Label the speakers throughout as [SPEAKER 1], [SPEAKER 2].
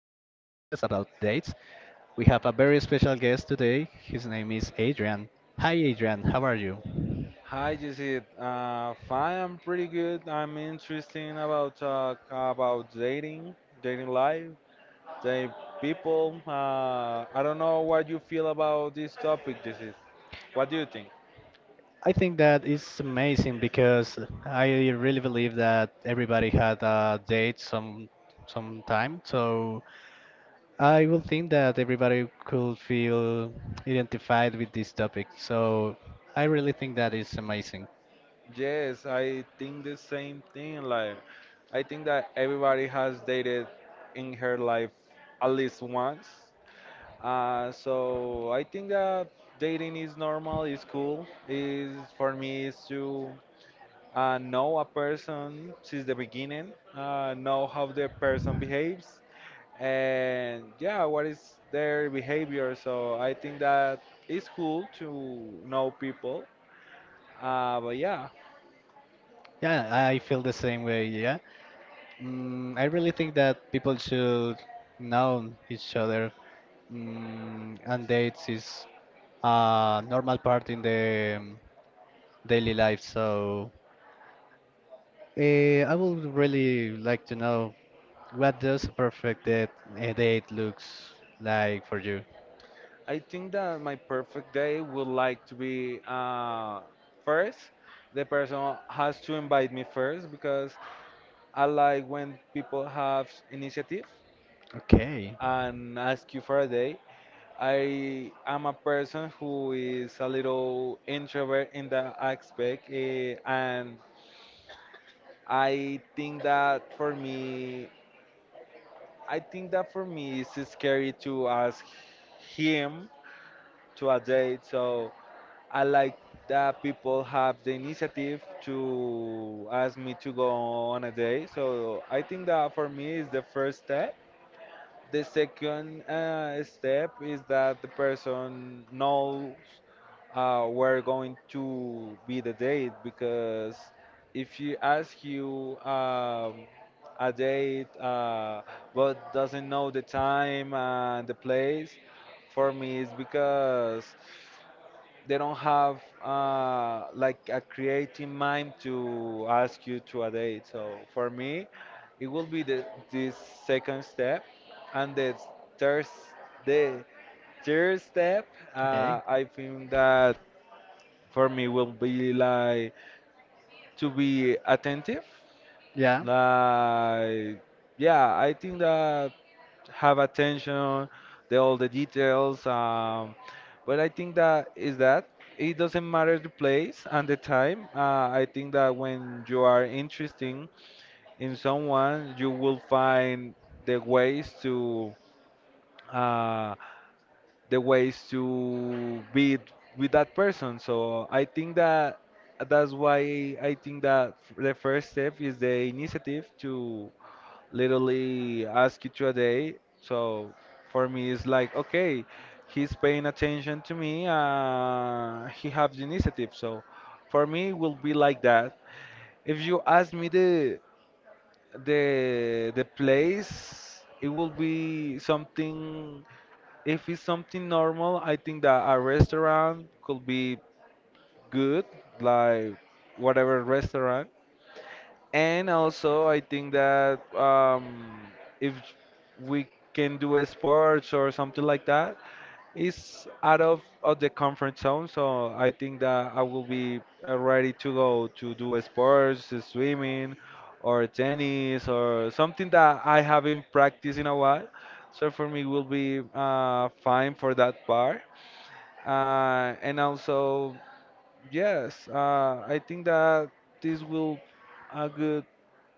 [SPEAKER 1] podcast about dates. We have a very special guest today. His name is Adrian. Hi, Adrian. How are you?
[SPEAKER 2] Hi, Jesse. Fine. I'm pretty good. I'm interesting about dating, dating life, dating people. I don't know what you feel about this topic, Jesse. What do you think?
[SPEAKER 1] I think that is amazing because I really believe that everybody had a date some time. So I will think that everybody could feel identified with this topic. So I really think that is amazing.
[SPEAKER 2] Yes, I think the same thing. Like, I think that everybody has dated in her life at least once. So I think that dating is normal, is cool. Is for me, is to know a person since the beginning, know how the person behaves, and yeah, what is their behavior. So I think that it's cool to know people. But yeah,
[SPEAKER 1] Yeah, I feel the same way. Yeah. I really think that people should know each other, and dates is a normal part in the daily life. So I would really like to know what does a perfect date, a date looks like for you.
[SPEAKER 2] I think that my perfect day would like to be first. The person has to invite me first because I like when people have initiative
[SPEAKER 1] Okay.
[SPEAKER 2] and ask you for a day. I am a person who is a little introvert in that aspect, eh, and I think that for me, I think that for me it's scary to ask him to a date. So I like that people have the initiative to ask me to go on a date. So I think that for me is the first step. The second step is that the person knows where going to be the date, because if she asks you a date but doesn't know the time and the place, for me it's because they don't have like a creative mind to ask you to a date. So for me, it will be this second step. And the third, the third step,
[SPEAKER 1] Okay.
[SPEAKER 2] I think that for me will be like to be attentive,
[SPEAKER 1] Yeah.
[SPEAKER 2] like, yeah, I think that have attention, the all the details. But I think that is that it doesn't matter the place and the time. I think that when you are interesting in someone you will find the ways to uh, be with that person. So I think that that's why I think that the first step is the initiative to literally ask you to a day. So for me, it's like, okay, he's paying attention to me, he has the initiative. So for me, it will be like that. If you ask me the the place, it will be something. If it's something normal, I think that a restaurant could be good, like whatever restaurant. And also, I think that if we can do a sports or something like that, it's out of the comfort zone. So I think that I will be ready to go to do a sports, swimming, or tennis, or something that I haven't practiced in a while. So for me, will be fine for that part. And also, yes, I think that this will a good,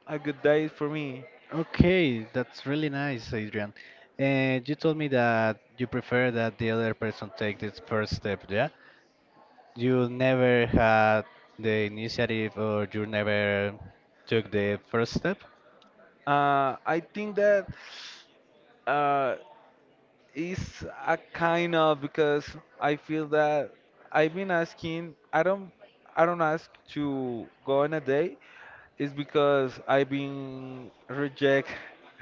[SPEAKER 2] a good day for me.
[SPEAKER 1] Okay, that's really nice, Adrian. And you told me that you prefer that the other person take this first step, yeah? You never had the initiative or you never took the first step?
[SPEAKER 2] I think that uh, is a kind of, because I feel that I've been asking. I don't ask to go on a date. It's because I've been reject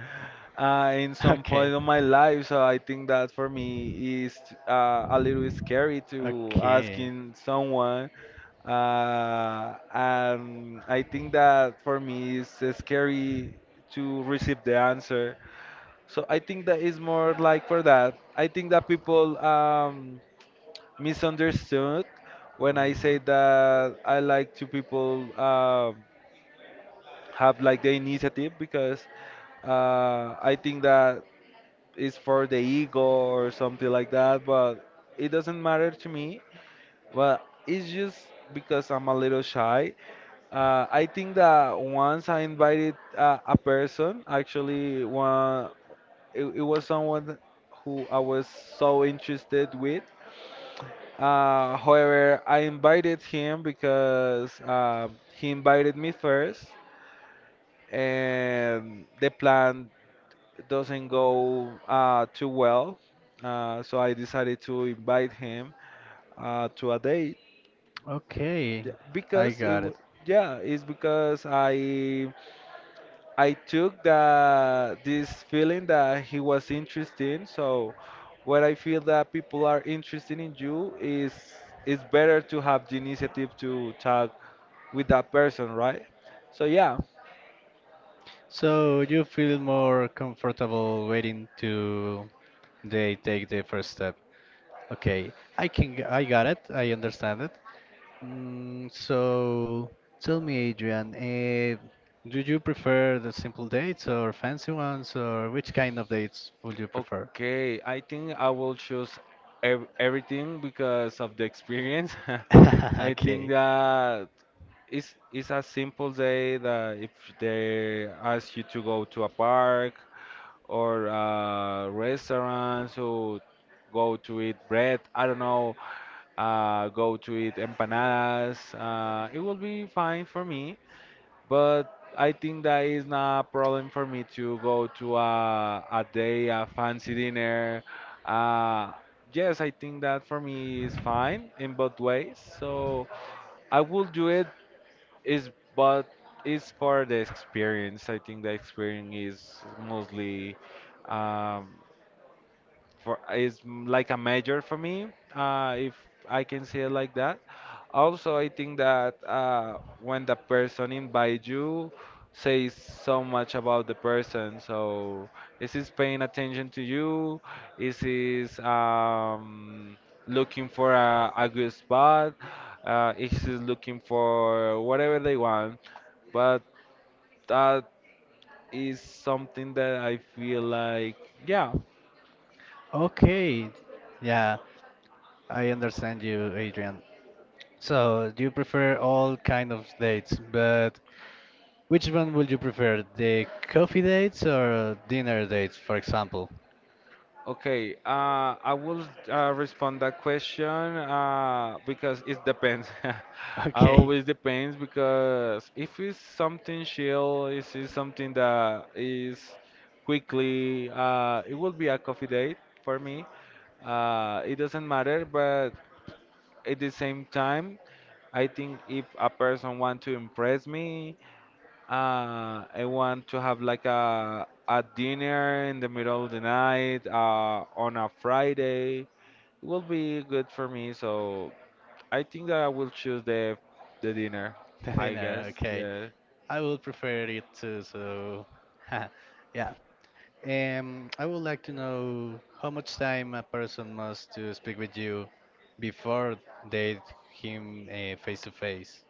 [SPEAKER 2] in some
[SPEAKER 1] Okay.
[SPEAKER 2] point of my life, so I think that for me is a little scary to
[SPEAKER 1] Okay.
[SPEAKER 2] asking someone. And I think that for me it's scary to receive the answer. So I think that is more like for that. I think that people misunderstood when I
[SPEAKER 1] Mhm.
[SPEAKER 2] say that I like to people. Have like the initiative because I think that is for the ego or something like that, but it doesn't matter to me. But it's just because I'm a little shy. I think that once I invited a person, actually, one, it was someone who I was so interested with. However, I invited him because he invited me first, and the plan doesn't go too well. So I decided to invite him to a date.
[SPEAKER 1] Okay,
[SPEAKER 2] Yeah,
[SPEAKER 1] I
[SPEAKER 2] because it
[SPEAKER 1] got it.
[SPEAKER 2] w yeah, it's because I took the this feeling that he was interesting. So when I feel that people are interested in you, is it's better to have the initiative to talk with that person, right? So yeah.
[SPEAKER 1] So you feel more comfortable waiting to they take the first step. Okay, I can, I got it. I understand it. So tell me, Adrian, do you prefer the simple dates or fancy ones, or which kind of dates would you prefer?
[SPEAKER 2] Okay, I think I will choose ev everything because of the experience. I think
[SPEAKER 1] Okay.
[SPEAKER 2] that it's a simple day that if they ask you to go to a park or a restaurant, so go to eat bread, I don't know, go to eat empanadas, it will be fine for me. But I think that is not a problem for me to go to a day, a fancy dinner. Uh, yes, I think that for me is fine in both ways. So I will do it, is but it's for the experience. I think the experience is mostly, um, for is like a major for me if I can say it like that. Also I think that when the person invites you, says so much about the person. So is he's paying attention to you, is he's looking for a good spot, is he's looking for whatever they want. But that is something that I feel like, yeah.
[SPEAKER 1] Okay. Yeah, I understand you, Adrian. So, do you prefer all kind of dates, but which one would you prefer? The coffee dates or dinner dates, for example?
[SPEAKER 2] Okay, I will respond that question because it depends. I
[SPEAKER 1] Okay.
[SPEAKER 2] always depends because if it's something chill, if it's something that is quickly, it will be a coffee date for me. It doesn't matter, but at the same time, I think if a person want to impress me, I want to have like a dinner in the middle of the night on a Friday. It will be good for me, so I think that I will choose the dinner,
[SPEAKER 1] The
[SPEAKER 2] I guess.
[SPEAKER 1] dinner, okay.
[SPEAKER 2] Yeah.
[SPEAKER 1] I would prefer it too, so yeah. I would like to know how much time a person must to speak with you before date him face to face.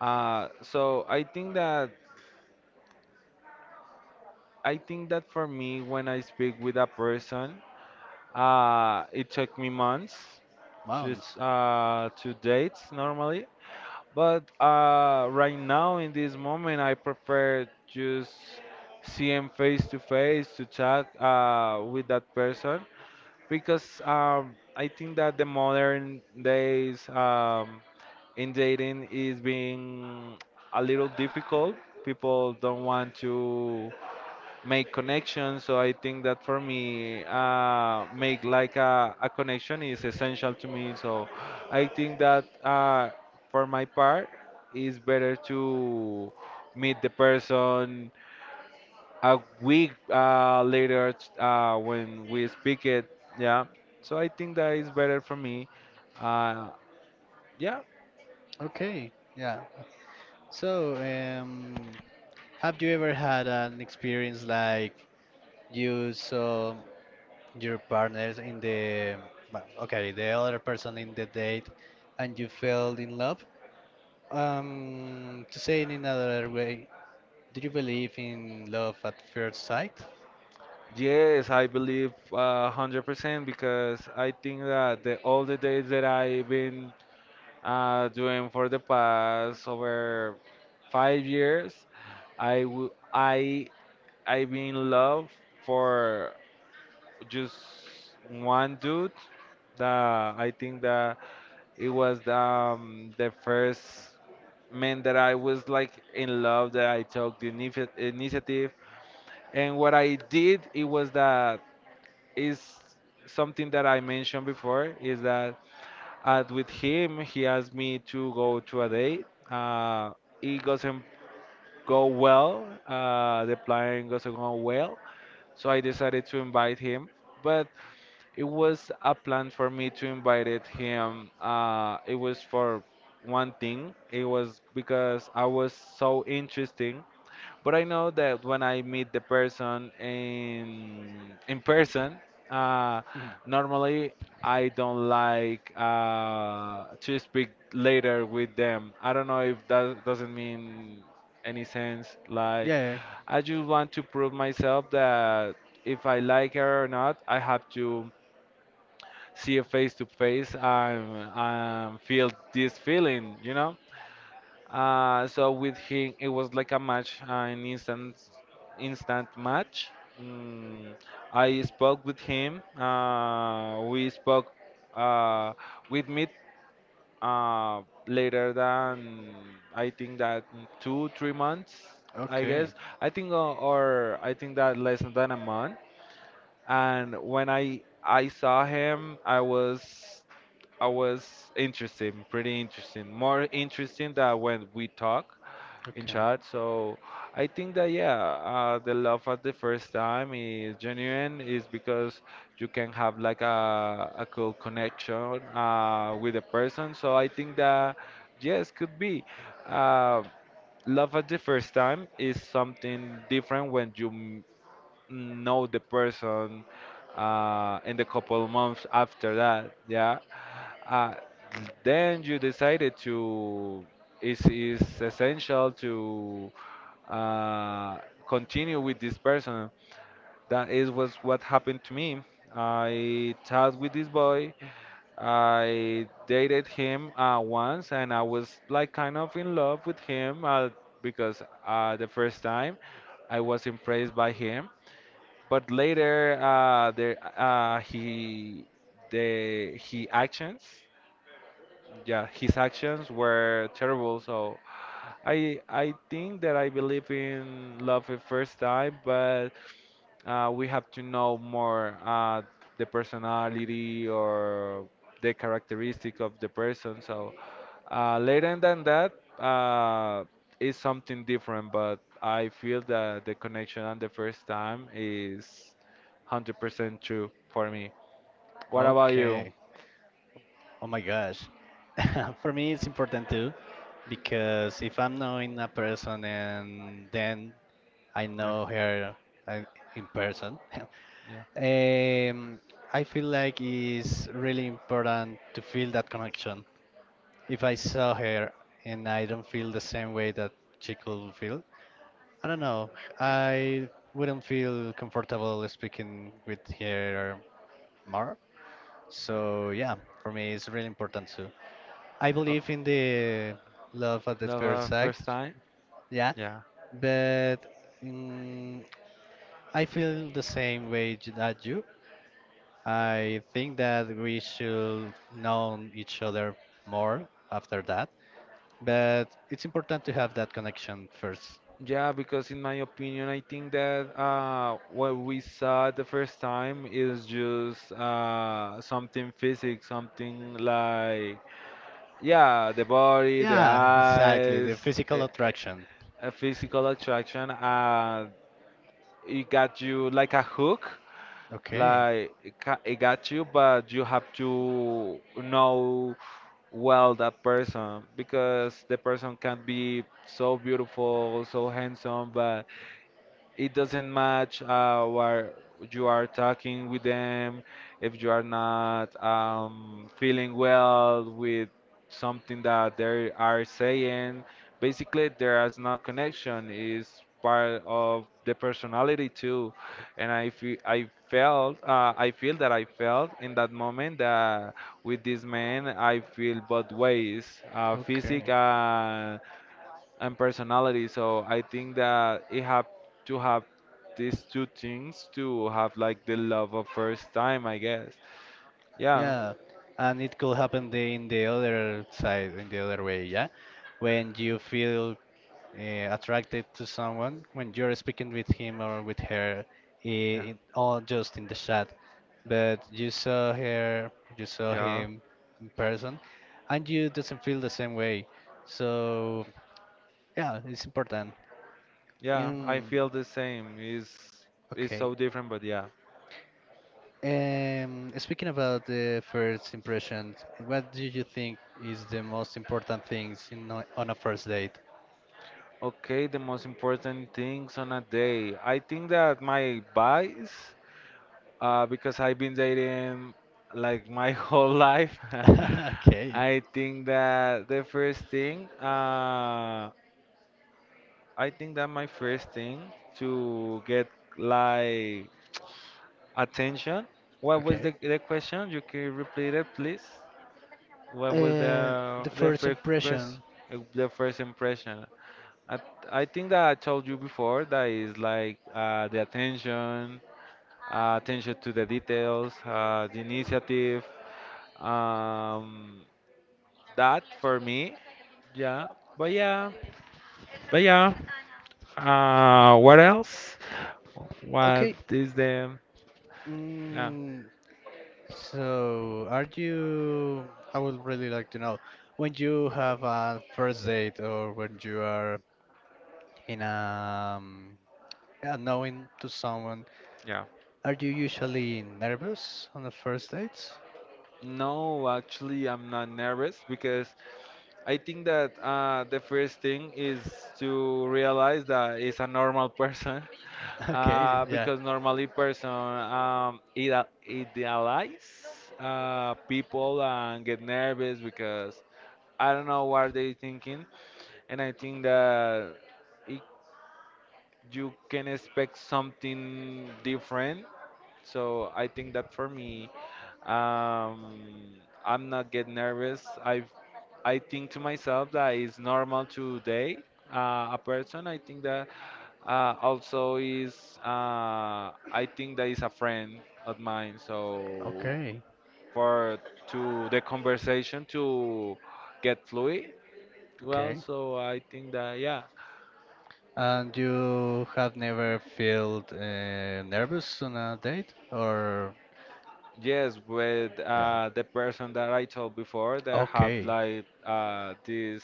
[SPEAKER 2] So I think that when I speak with a person, it took me months to
[SPEAKER 1] Months.
[SPEAKER 2] to date normally. But right now, in this moment, I prefer just see him face to face to chat with that person because I think that the modern days in dating is being a little difficult. People don't want to make connections. So I think that for me, make like a connection is essential to me. So I think that for my part, it's better to meet the person a week later when we speak it. Yeah. So I think that is better for me. Uh, yeah.
[SPEAKER 1] Okay, yeah. So, have you ever had an experience like you saw your partners in the, well, okay, the other person in the date and you fell in love? To say it in another way, do you believe in love at first sight?
[SPEAKER 2] Yes, I believe 100% because I think that all the days that I've been doing for the past over 5 years. I w- I I've been in love for just one dude. That I think that it was the first man that I was like in love that I took the initiative. And what I did it was that is something that I mentioned before is that, and with him, he asked me to go to a date. It doesn't go well. The plan doesn't go well. So I decided to invite him. But it was a plan for me to invited him. It was for one thing. It was because I was so interesting. But I know that when I meet the person in person, uh,
[SPEAKER 1] Hmm.
[SPEAKER 2] normally I don't like to speak later with them. I don't know if that doesn't mean any sense. Like,
[SPEAKER 1] Yeah.
[SPEAKER 2] I just want to prove myself that if I like her or not. I have to see her face to face and feel this feeling, you know. So with him, it was like a match, instant match. Mm, I spoke with him. We spoke uh, with me uh, later than I think that 2, 3 months, I
[SPEAKER 1] Okay.
[SPEAKER 2] guess. I think, or I think that less than a month, and when I saw him, I was interesting, pretty interesting, more interesting than when we talk in
[SPEAKER 1] Okay.
[SPEAKER 2] chat. So I think that yeah, the love at the first time is genuine, is because you can have like a cool connection with a person. So I think that yes, could be. Uh, Love at the first time is something different when you know the person in the couple months after that, yeah. Uh, then you decided to, it's essential to uh, continue with this person. That is was what happened to me. I talked with this boy. I dated him once, and I was like kind of in love with him because the first time I was impressed by him. But later, there he the he actions, yeah, his actions were terrible. So I think that I believe in love at first time, but we have to know more the personality or the characteristic of the person. So later than that uh, is something different, but I feel that the connection on the first time is 100% true for me. What about you?
[SPEAKER 1] Okay. Oh my gosh. For me, it's important too, because if I'm knowing a person and then I
[SPEAKER 2] Yeah,
[SPEAKER 1] know her uh, in person,
[SPEAKER 2] yeah.
[SPEAKER 1] I feel like it's really important to feel that connection. If I saw her and I don't feel the same way that she could feel, I don't know. I wouldn't feel comfortable speaking with her more. So yeah, for me it's really important too. I
[SPEAKER 2] Oh,
[SPEAKER 1] believe in the love at the
[SPEAKER 2] love
[SPEAKER 1] first
[SPEAKER 2] at
[SPEAKER 1] sight,
[SPEAKER 2] first time?
[SPEAKER 1] yeah,
[SPEAKER 2] Yeah,
[SPEAKER 1] but mm, I feel the same way that you. I think that we should know each other more after that, but it's important to have that connection first.
[SPEAKER 2] yeah, because in my opinion, I think that what we saw the first time is just something physics, something like, yeah, the body, the
[SPEAKER 1] Yeah, exactly,
[SPEAKER 2] eyes,
[SPEAKER 1] the physical
[SPEAKER 2] a,
[SPEAKER 1] attraction.
[SPEAKER 2] a physical attraction. It got you like a hook,
[SPEAKER 1] Okay,
[SPEAKER 2] like it got you, but you have to know well that person because the person can be so beautiful, so handsome, but it doesn't match where you are talking with them if you are not feeling well with something that they are saying. Basically there is no connection. Is part of the personality too. And I felt I felt in that moment that with this man I feel both ways, physic
[SPEAKER 1] okay.
[SPEAKER 2] and personality. So I think that it have to have these two things to have like the love of first time, I guess. Yeah,
[SPEAKER 1] Yeah, and it could happen the, in the other side, in the other way, yeah? When you feel attracted to someone, when you're speaking with him or with her,
[SPEAKER 2] yeah,
[SPEAKER 1] all just in the chat, but you saw her, you saw
[SPEAKER 2] yeah,
[SPEAKER 1] him in person, and you doesn't feel the same way. So, yeah, it's important.
[SPEAKER 2] yeah. I
[SPEAKER 1] And,
[SPEAKER 2] feel the same. It's
[SPEAKER 1] okay.
[SPEAKER 2] so different, but yeah.
[SPEAKER 1] Speaking about the first impressions, what do you think is the most important things in on a first date?
[SPEAKER 2] Okay, the most important things on a day. I think that my advice, because I've been dating like my whole life.
[SPEAKER 1] Okay,
[SPEAKER 2] I think that the first thing, I think that my first thing to get like attention. What was the,
[SPEAKER 1] okay.
[SPEAKER 2] the question? You can repeat it, please. What was
[SPEAKER 1] Uh, the first impression.
[SPEAKER 2] the first impression? I, I think that I told you before that is like the attention, attention to the details, the initiative. Um, that for me, yeah. But yeah, but yeah. What else? What
[SPEAKER 1] Okay.
[SPEAKER 2] is the? Yeah,
[SPEAKER 1] Mm, so, are you? I would really like to know when you have a first date or when you are in a yeah, knowing to someone.
[SPEAKER 2] yeah.
[SPEAKER 1] Are you usually nervous on the first dates?
[SPEAKER 2] No, actually, I'm not nervous because I think that the first thing is to realize that it's a normal person,
[SPEAKER 1] Okay, yeah.
[SPEAKER 2] because normally person idealize people and get nervous because I don't know what they thinking, and I think that it, you can expect something different. So I think that for me, um, I'm not get nervous. I think to myself that it's normal to date a person. I think that also is I think that is a friend of mine. So
[SPEAKER 1] Okay,
[SPEAKER 2] for to the conversation to get fluid. Well,
[SPEAKER 1] okay.
[SPEAKER 2] so I think that yeah.
[SPEAKER 1] And you have never felt nervous on a date or
[SPEAKER 2] Yes, with
[SPEAKER 1] yeah.
[SPEAKER 2] the person that I told before that have
[SPEAKER 1] Okay.
[SPEAKER 2] like this.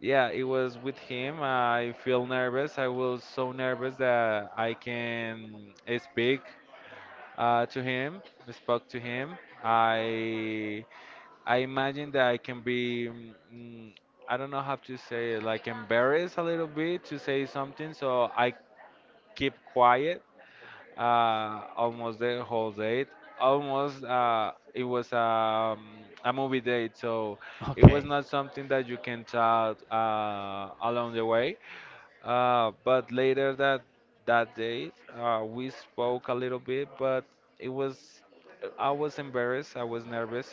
[SPEAKER 2] Yeah, it was with him. I feel nervous. I was so nervous that I can speak to him, spoke to him. I I imagine that I can be mm, I don't know how to say it, like embarrassed a little bit to say something, so I keep quiet almost the whole date. Almost it was a movie date, so it
[SPEAKER 1] Okay.
[SPEAKER 2] was not something that you can talk along the way. But later that day, we spoke a little bit, but it was I was embarrassed, I was nervous,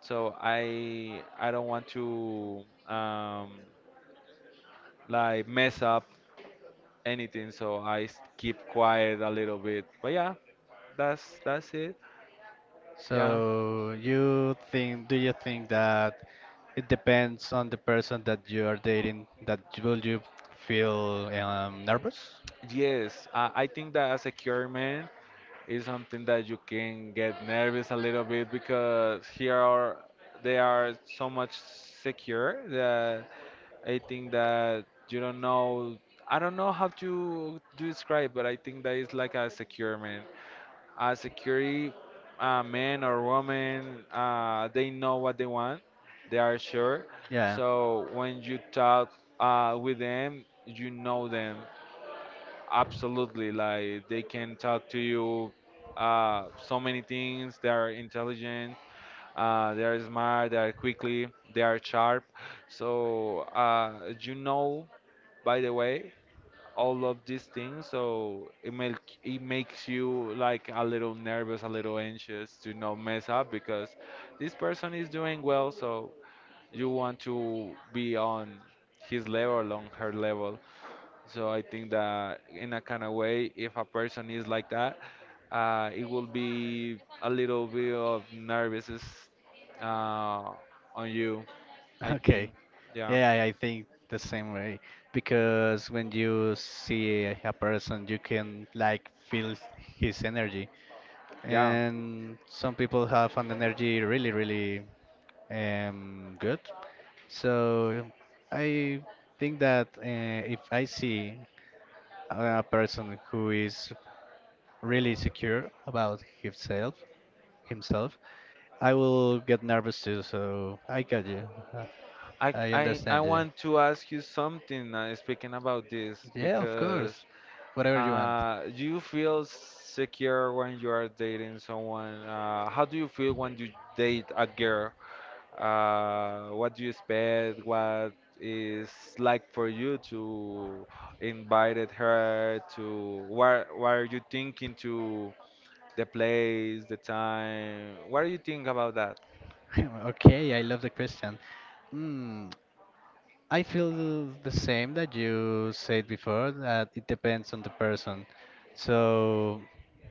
[SPEAKER 2] so I don't want to like mess up anything, so keep quiet a little bit. But yeah, that's it. Yeah.
[SPEAKER 1] So you think, do you think that it depends on the person that you are dating that will you feel nervous?
[SPEAKER 2] Yes, I think that as a queer man is something that you can get nervous a little bit because here are they are so much secure that I think that you don't know. I don't know how to describe, but I think that it's like a secure man. A security man or woman, they know what they want. They are sure.
[SPEAKER 1] Yeah.
[SPEAKER 2] So when you talk with them, you know them absolutely. Like they can talk to you so many things. They are intelligent. They are smart. They are quickly. They are sharp. So you know by the way all of these things, so it makes you like a little nervous, a little anxious to not mess up because this person is doing well, so you want to be on his level, on her level. So I think that in a kind of way, if a person is like that, it will be a little bit of nervousness uh, on you, I think.
[SPEAKER 1] Okay.
[SPEAKER 2] Yeah,
[SPEAKER 1] Yeah, I think the same way because when you see a person, you can like feel his energy.
[SPEAKER 2] yeah.
[SPEAKER 1] And some people have an energy really, really good. So I think that if I see a person who is really secure about himself, himself, I will get nervous too. So I got you. I
[SPEAKER 2] I
[SPEAKER 1] understand you.
[SPEAKER 2] want to ask you something speaking about this
[SPEAKER 1] Yeah, of
[SPEAKER 2] because
[SPEAKER 1] course. Whatever you want.
[SPEAKER 2] you feel secure when you are dating someone. How do you feel when you date a girl? What do you expect? What is like for you to invited her to what are you thinking to the place, the time? What do you think about that?
[SPEAKER 1] Okay, I love the question. Hmm. I feel the same that you said before, that it depends on the person. So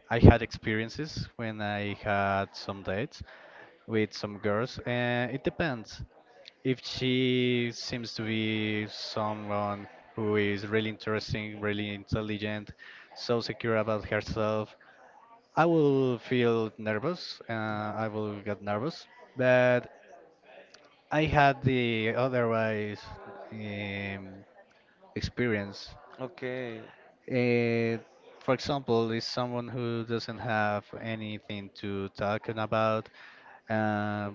[SPEAKER 1] I had experiences when I had some dates with some girls, and it depends. If she seems to be someone who is really interesting, really intelligent, so secure about herself, I will feel nervous.
[SPEAKER 2] Yeah.
[SPEAKER 1] I will get nervous, but I had the otherwise. Um, Experience.
[SPEAKER 2] Okay.
[SPEAKER 1] Eh, for example, is someone who doesn't have anything to talk about, uh,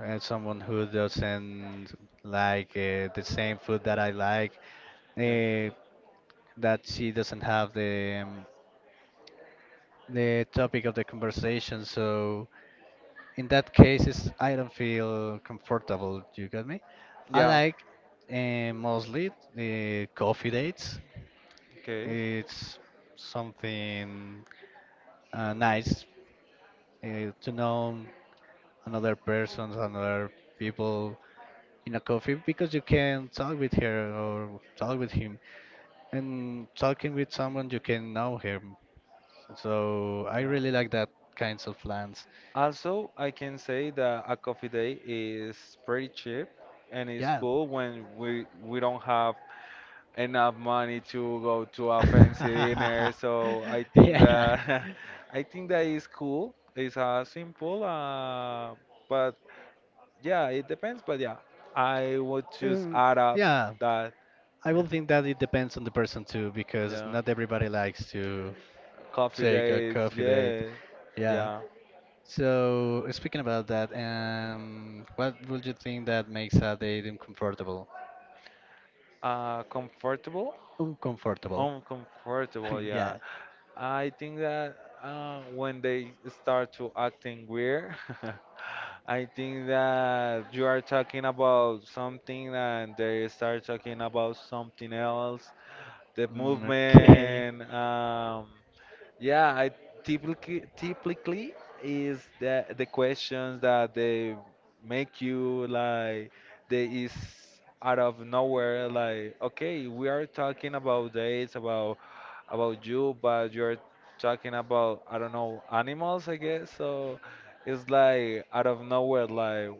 [SPEAKER 1] and someone who doesn't like the same food that I like,
[SPEAKER 2] Yeah.
[SPEAKER 1] uh, that she doesn't have the topic of the conversation. So in that case, it's, I don't feel comfortable. Do you got me? I
[SPEAKER 2] Yeah.
[SPEAKER 1] like mostly the coffee dates.
[SPEAKER 2] Okay.
[SPEAKER 1] It's something nice to know another person, another people in a coffee because you can talk with her or talk with him, and talking with someone you can know him. So I
[SPEAKER 2] Yeah.
[SPEAKER 1] really like that kinds of plans.
[SPEAKER 2] Also, I can say that a coffee day is pretty cheap, and it's
[SPEAKER 1] Yeah.
[SPEAKER 2] cool when we don't have enough money to go to a fancy dinner. So I think
[SPEAKER 1] Yeah.
[SPEAKER 2] that I think that is cool. It's simple, but yeah, it depends. But yeah, I would just
[SPEAKER 1] Um,
[SPEAKER 2] add up
[SPEAKER 1] yeah,
[SPEAKER 2] that
[SPEAKER 1] I
[SPEAKER 2] yeah,
[SPEAKER 1] will think that it depends on the person too, because
[SPEAKER 2] yeah.
[SPEAKER 1] not everybody likes to
[SPEAKER 2] Coffee
[SPEAKER 1] take a
[SPEAKER 2] days,
[SPEAKER 1] coffee date.
[SPEAKER 2] yeah,
[SPEAKER 1] Yeah.
[SPEAKER 2] yeah.
[SPEAKER 1] So, speaking about that, what would you think that makes a date uncomfortable?
[SPEAKER 2] Uh, comfortable,
[SPEAKER 1] Uncomfortable.
[SPEAKER 2] uncomfortable, yeah.
[SPEAKER 1] Yeah.
[SPEAKER 2] I think that when they start to acting weird, I think that you are talking about something and they start talking about something else. The
[SPEAKER 1] Mm, okay.
[SPEAKER 2] movement, yeah, I typically is the questions that they make you like they is out of nowhere, like okay, we are talking about dates, about you, but you're talking about, I don't know, animals, I guess. So it's like out of nowhere, like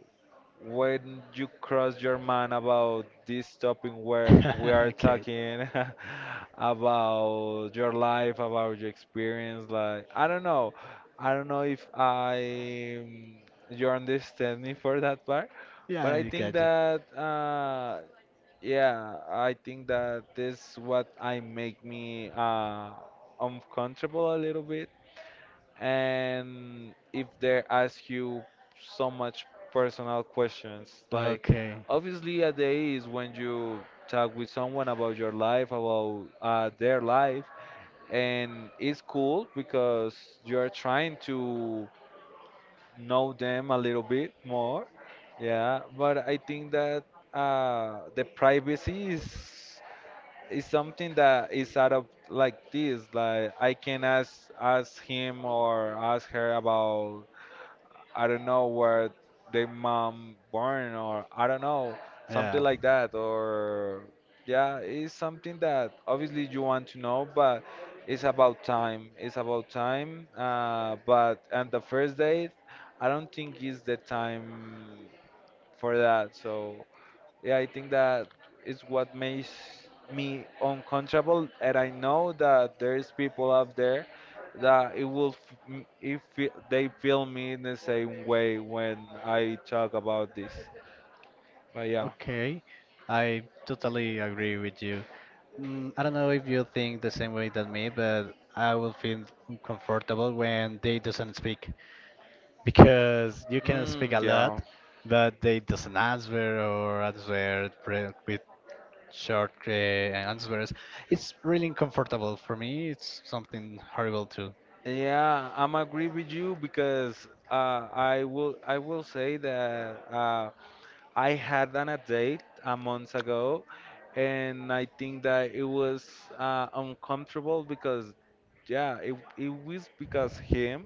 [SPEAKER 2] when you cross your mind about this topic where we are
[SPEAKER 1] Okay.
[SPEAKER 2] talking about your life, about your experience, like, I don't know. I don't know if you understand me for that part,
[SPEAKER 1] Yeah,
[SPEAKER 2] but I
[SPEAKER 1] I
[SPEAKER 2] think
[SPEAKER 1] got you.
[SPEAKER 2] that yeah, I think that this what I make me uncomfortable a little bit. And if they ask you so much personal questions, like
[SPEAKER 1] Okay.
[SPEAKER 2] obviously a day is when you talk with someone about your life, about their life, and it's cool because you're trying to know them a little bit more. Yeah, but I think that the privacy is it's something that is out of like this, like I can ask him or ask her about I don't know where their mom born, or I don't know, something
[SPEAKER 1] Yeah.
[SPEAKER 2] like that, or yeah, it's something that obviously you want to know, but it's about time, it's about time, but on the first date, I don't think is the time for that. So yeah, I think that is what makes me uncomfortable, and I know that there's people out there that it will f- m- if fe- they feel me in the same way when I talk about this. But yeah,
[SPEAKER 1] Okay. I totally agree with you. I don't know if you think the same way than me, but I will feel uncomfortable when they doesn't speak. Because you can speak
[SPEAKER 2] mm,
[SPEAKER 1] a lot,
[SPEAKER 2] yeah,
[SPEAKER 1] but they doesn't answer or answer with short answers. It's really uncomfortable for me. It's something horrible too.
[SPEAKER 2] yeah, I'm agree with you because I will say that. I had an a date a month ago, and I think that it was uncomfortable because, yeah, it was because him.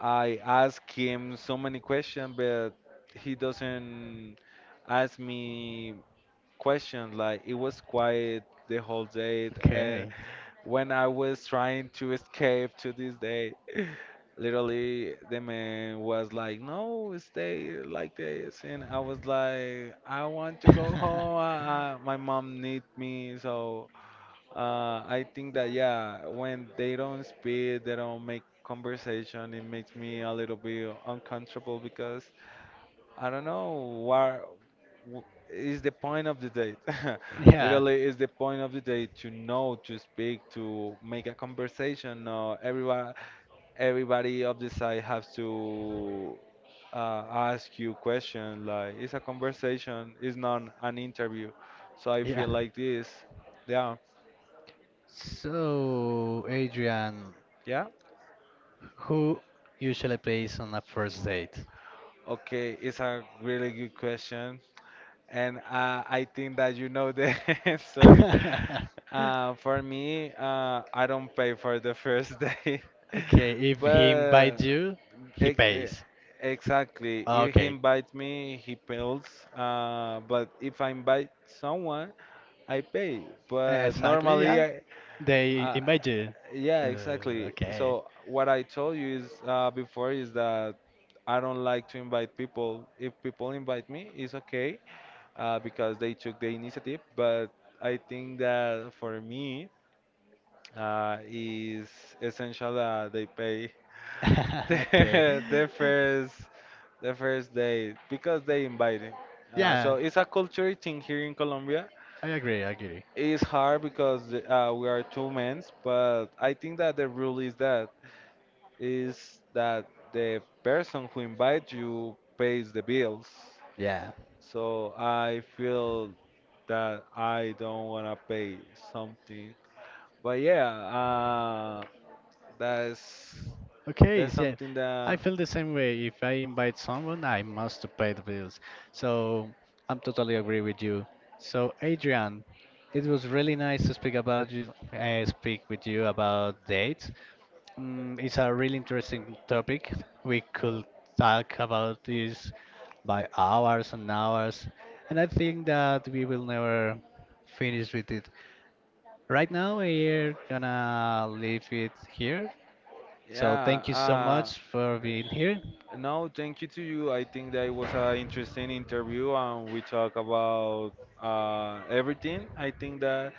[SPEAKER 2] I ask him so many questions, but he doesn't ask me questions. Like it was quiet the whole day, and
[SPEAKER 1] Okay.
[SPEAKER 2] when I was trying to escape to this day, literally the man was like, "No, stay like this," and I was like, "I want to go home. My mom needs me." So uh, I think that yeah, when they don't speak, they don't make conversation. It makes me a little bit uncomfortable because I don't know what is the point of the date.
[SPEAKER 1] Yeah.
[SPEAKER 2] Literally, is the point of the date to know, to speak, to make a conversation. No, everyone, everybody of the side has to uh, ask you questions. Like it's a conversation. It's not an interview. So I
[SPEAKER 1] Yeah.
[SPEAKER 2] feel like this. Yeah,
[SPEAKER 1] So, Adrian,
[SPEAKER 2] yeah.
[SPEAKER 1] who usually pays on a first date?
[SPEAKER 2] Okay, it's a really good question. And I think that you know the answer. For me, I don't pay for the first date.
[SPEAKER 1] Okay, if he invites
[SPEAKER 2] But
[SPEAKER 1] you, he
[SPEAKER 2] ex e-
[SPEAKER 1] pays.
[SPEAKER 2] exactly, if he
[SPEAKER 1] Okay,
[SPEAKER 2] invites me, he pays. But if I invite someone, I pay. But
[SPEAKER 1] exactly,
[SPEAKER 2] normally,
[SPEAKER 1] yeah. They
[SPEAKER 2] uh,
[SPEAKER 1] invite you.
[SPEAKER 2] yeah, exactly.
[SPEAKER 1] Okay.
[SPEAKER 2] So what I told you is before is that I don't like to invite people. If people invite me, it's okay because they took the initiative. But I think that for me, is essential that they pay
[SPEAKER 1] Okay.
[SPEAKER 2] the, the first the first day because they invited. So
[SPEAKER 1] Yeah,
[SPEAKER 2] it's a culture thing here in Colombia.
[SPEAKER 1] I agree. I agree.
[SPEAKER 2] It's hard because we are two men, but I think that the rule is that the person who invites you pays the bills.
[SPEAKER 1] Yeah.
[SPEAKER 2] So I feel that I don't want to pay something. But yeah, that's
[SPEAKER 1] Okay,
[SPEAKER 2] that's
[SPEAKER 1] yeah.
[SPEAKER 2] something
[SPEAKER 1] I
[SPEAKER 2] that
[SPEAKER 1] feel the same way. If I invite someone, I must pay the bills. So I'm totally agree with you. So Adrian, it was really nice to speak about you, speak with you about dates. It's a really interesting topic. We could talk about this by hours and hours, and I think that we will never finish with it. Right now, we're gonna leave it here. So, thank you so
[SPEAKER 2] Yeah.
[SPEAKER 1] much for being here.
[SPEAKER 2] No, thank you to you. I think that it was an interesting interview, and we talk about everything. I think that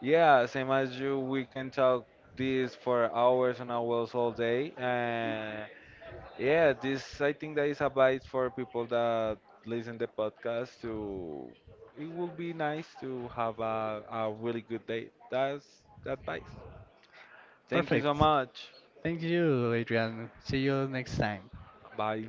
[SPEAKER 2] yeah, same as you, we can talk this for hours and hours all day, and yeah, this I think that is advice for people that listen the podcast to it would be nice to have a really good day. That's the advice. Thank you so
[SPEAKER 1] Perfect.
[SPEAKER 2] much.
[SPEAKER 1] Thank you, Adrian. See you next time.
[SPEAKER 2] Bye.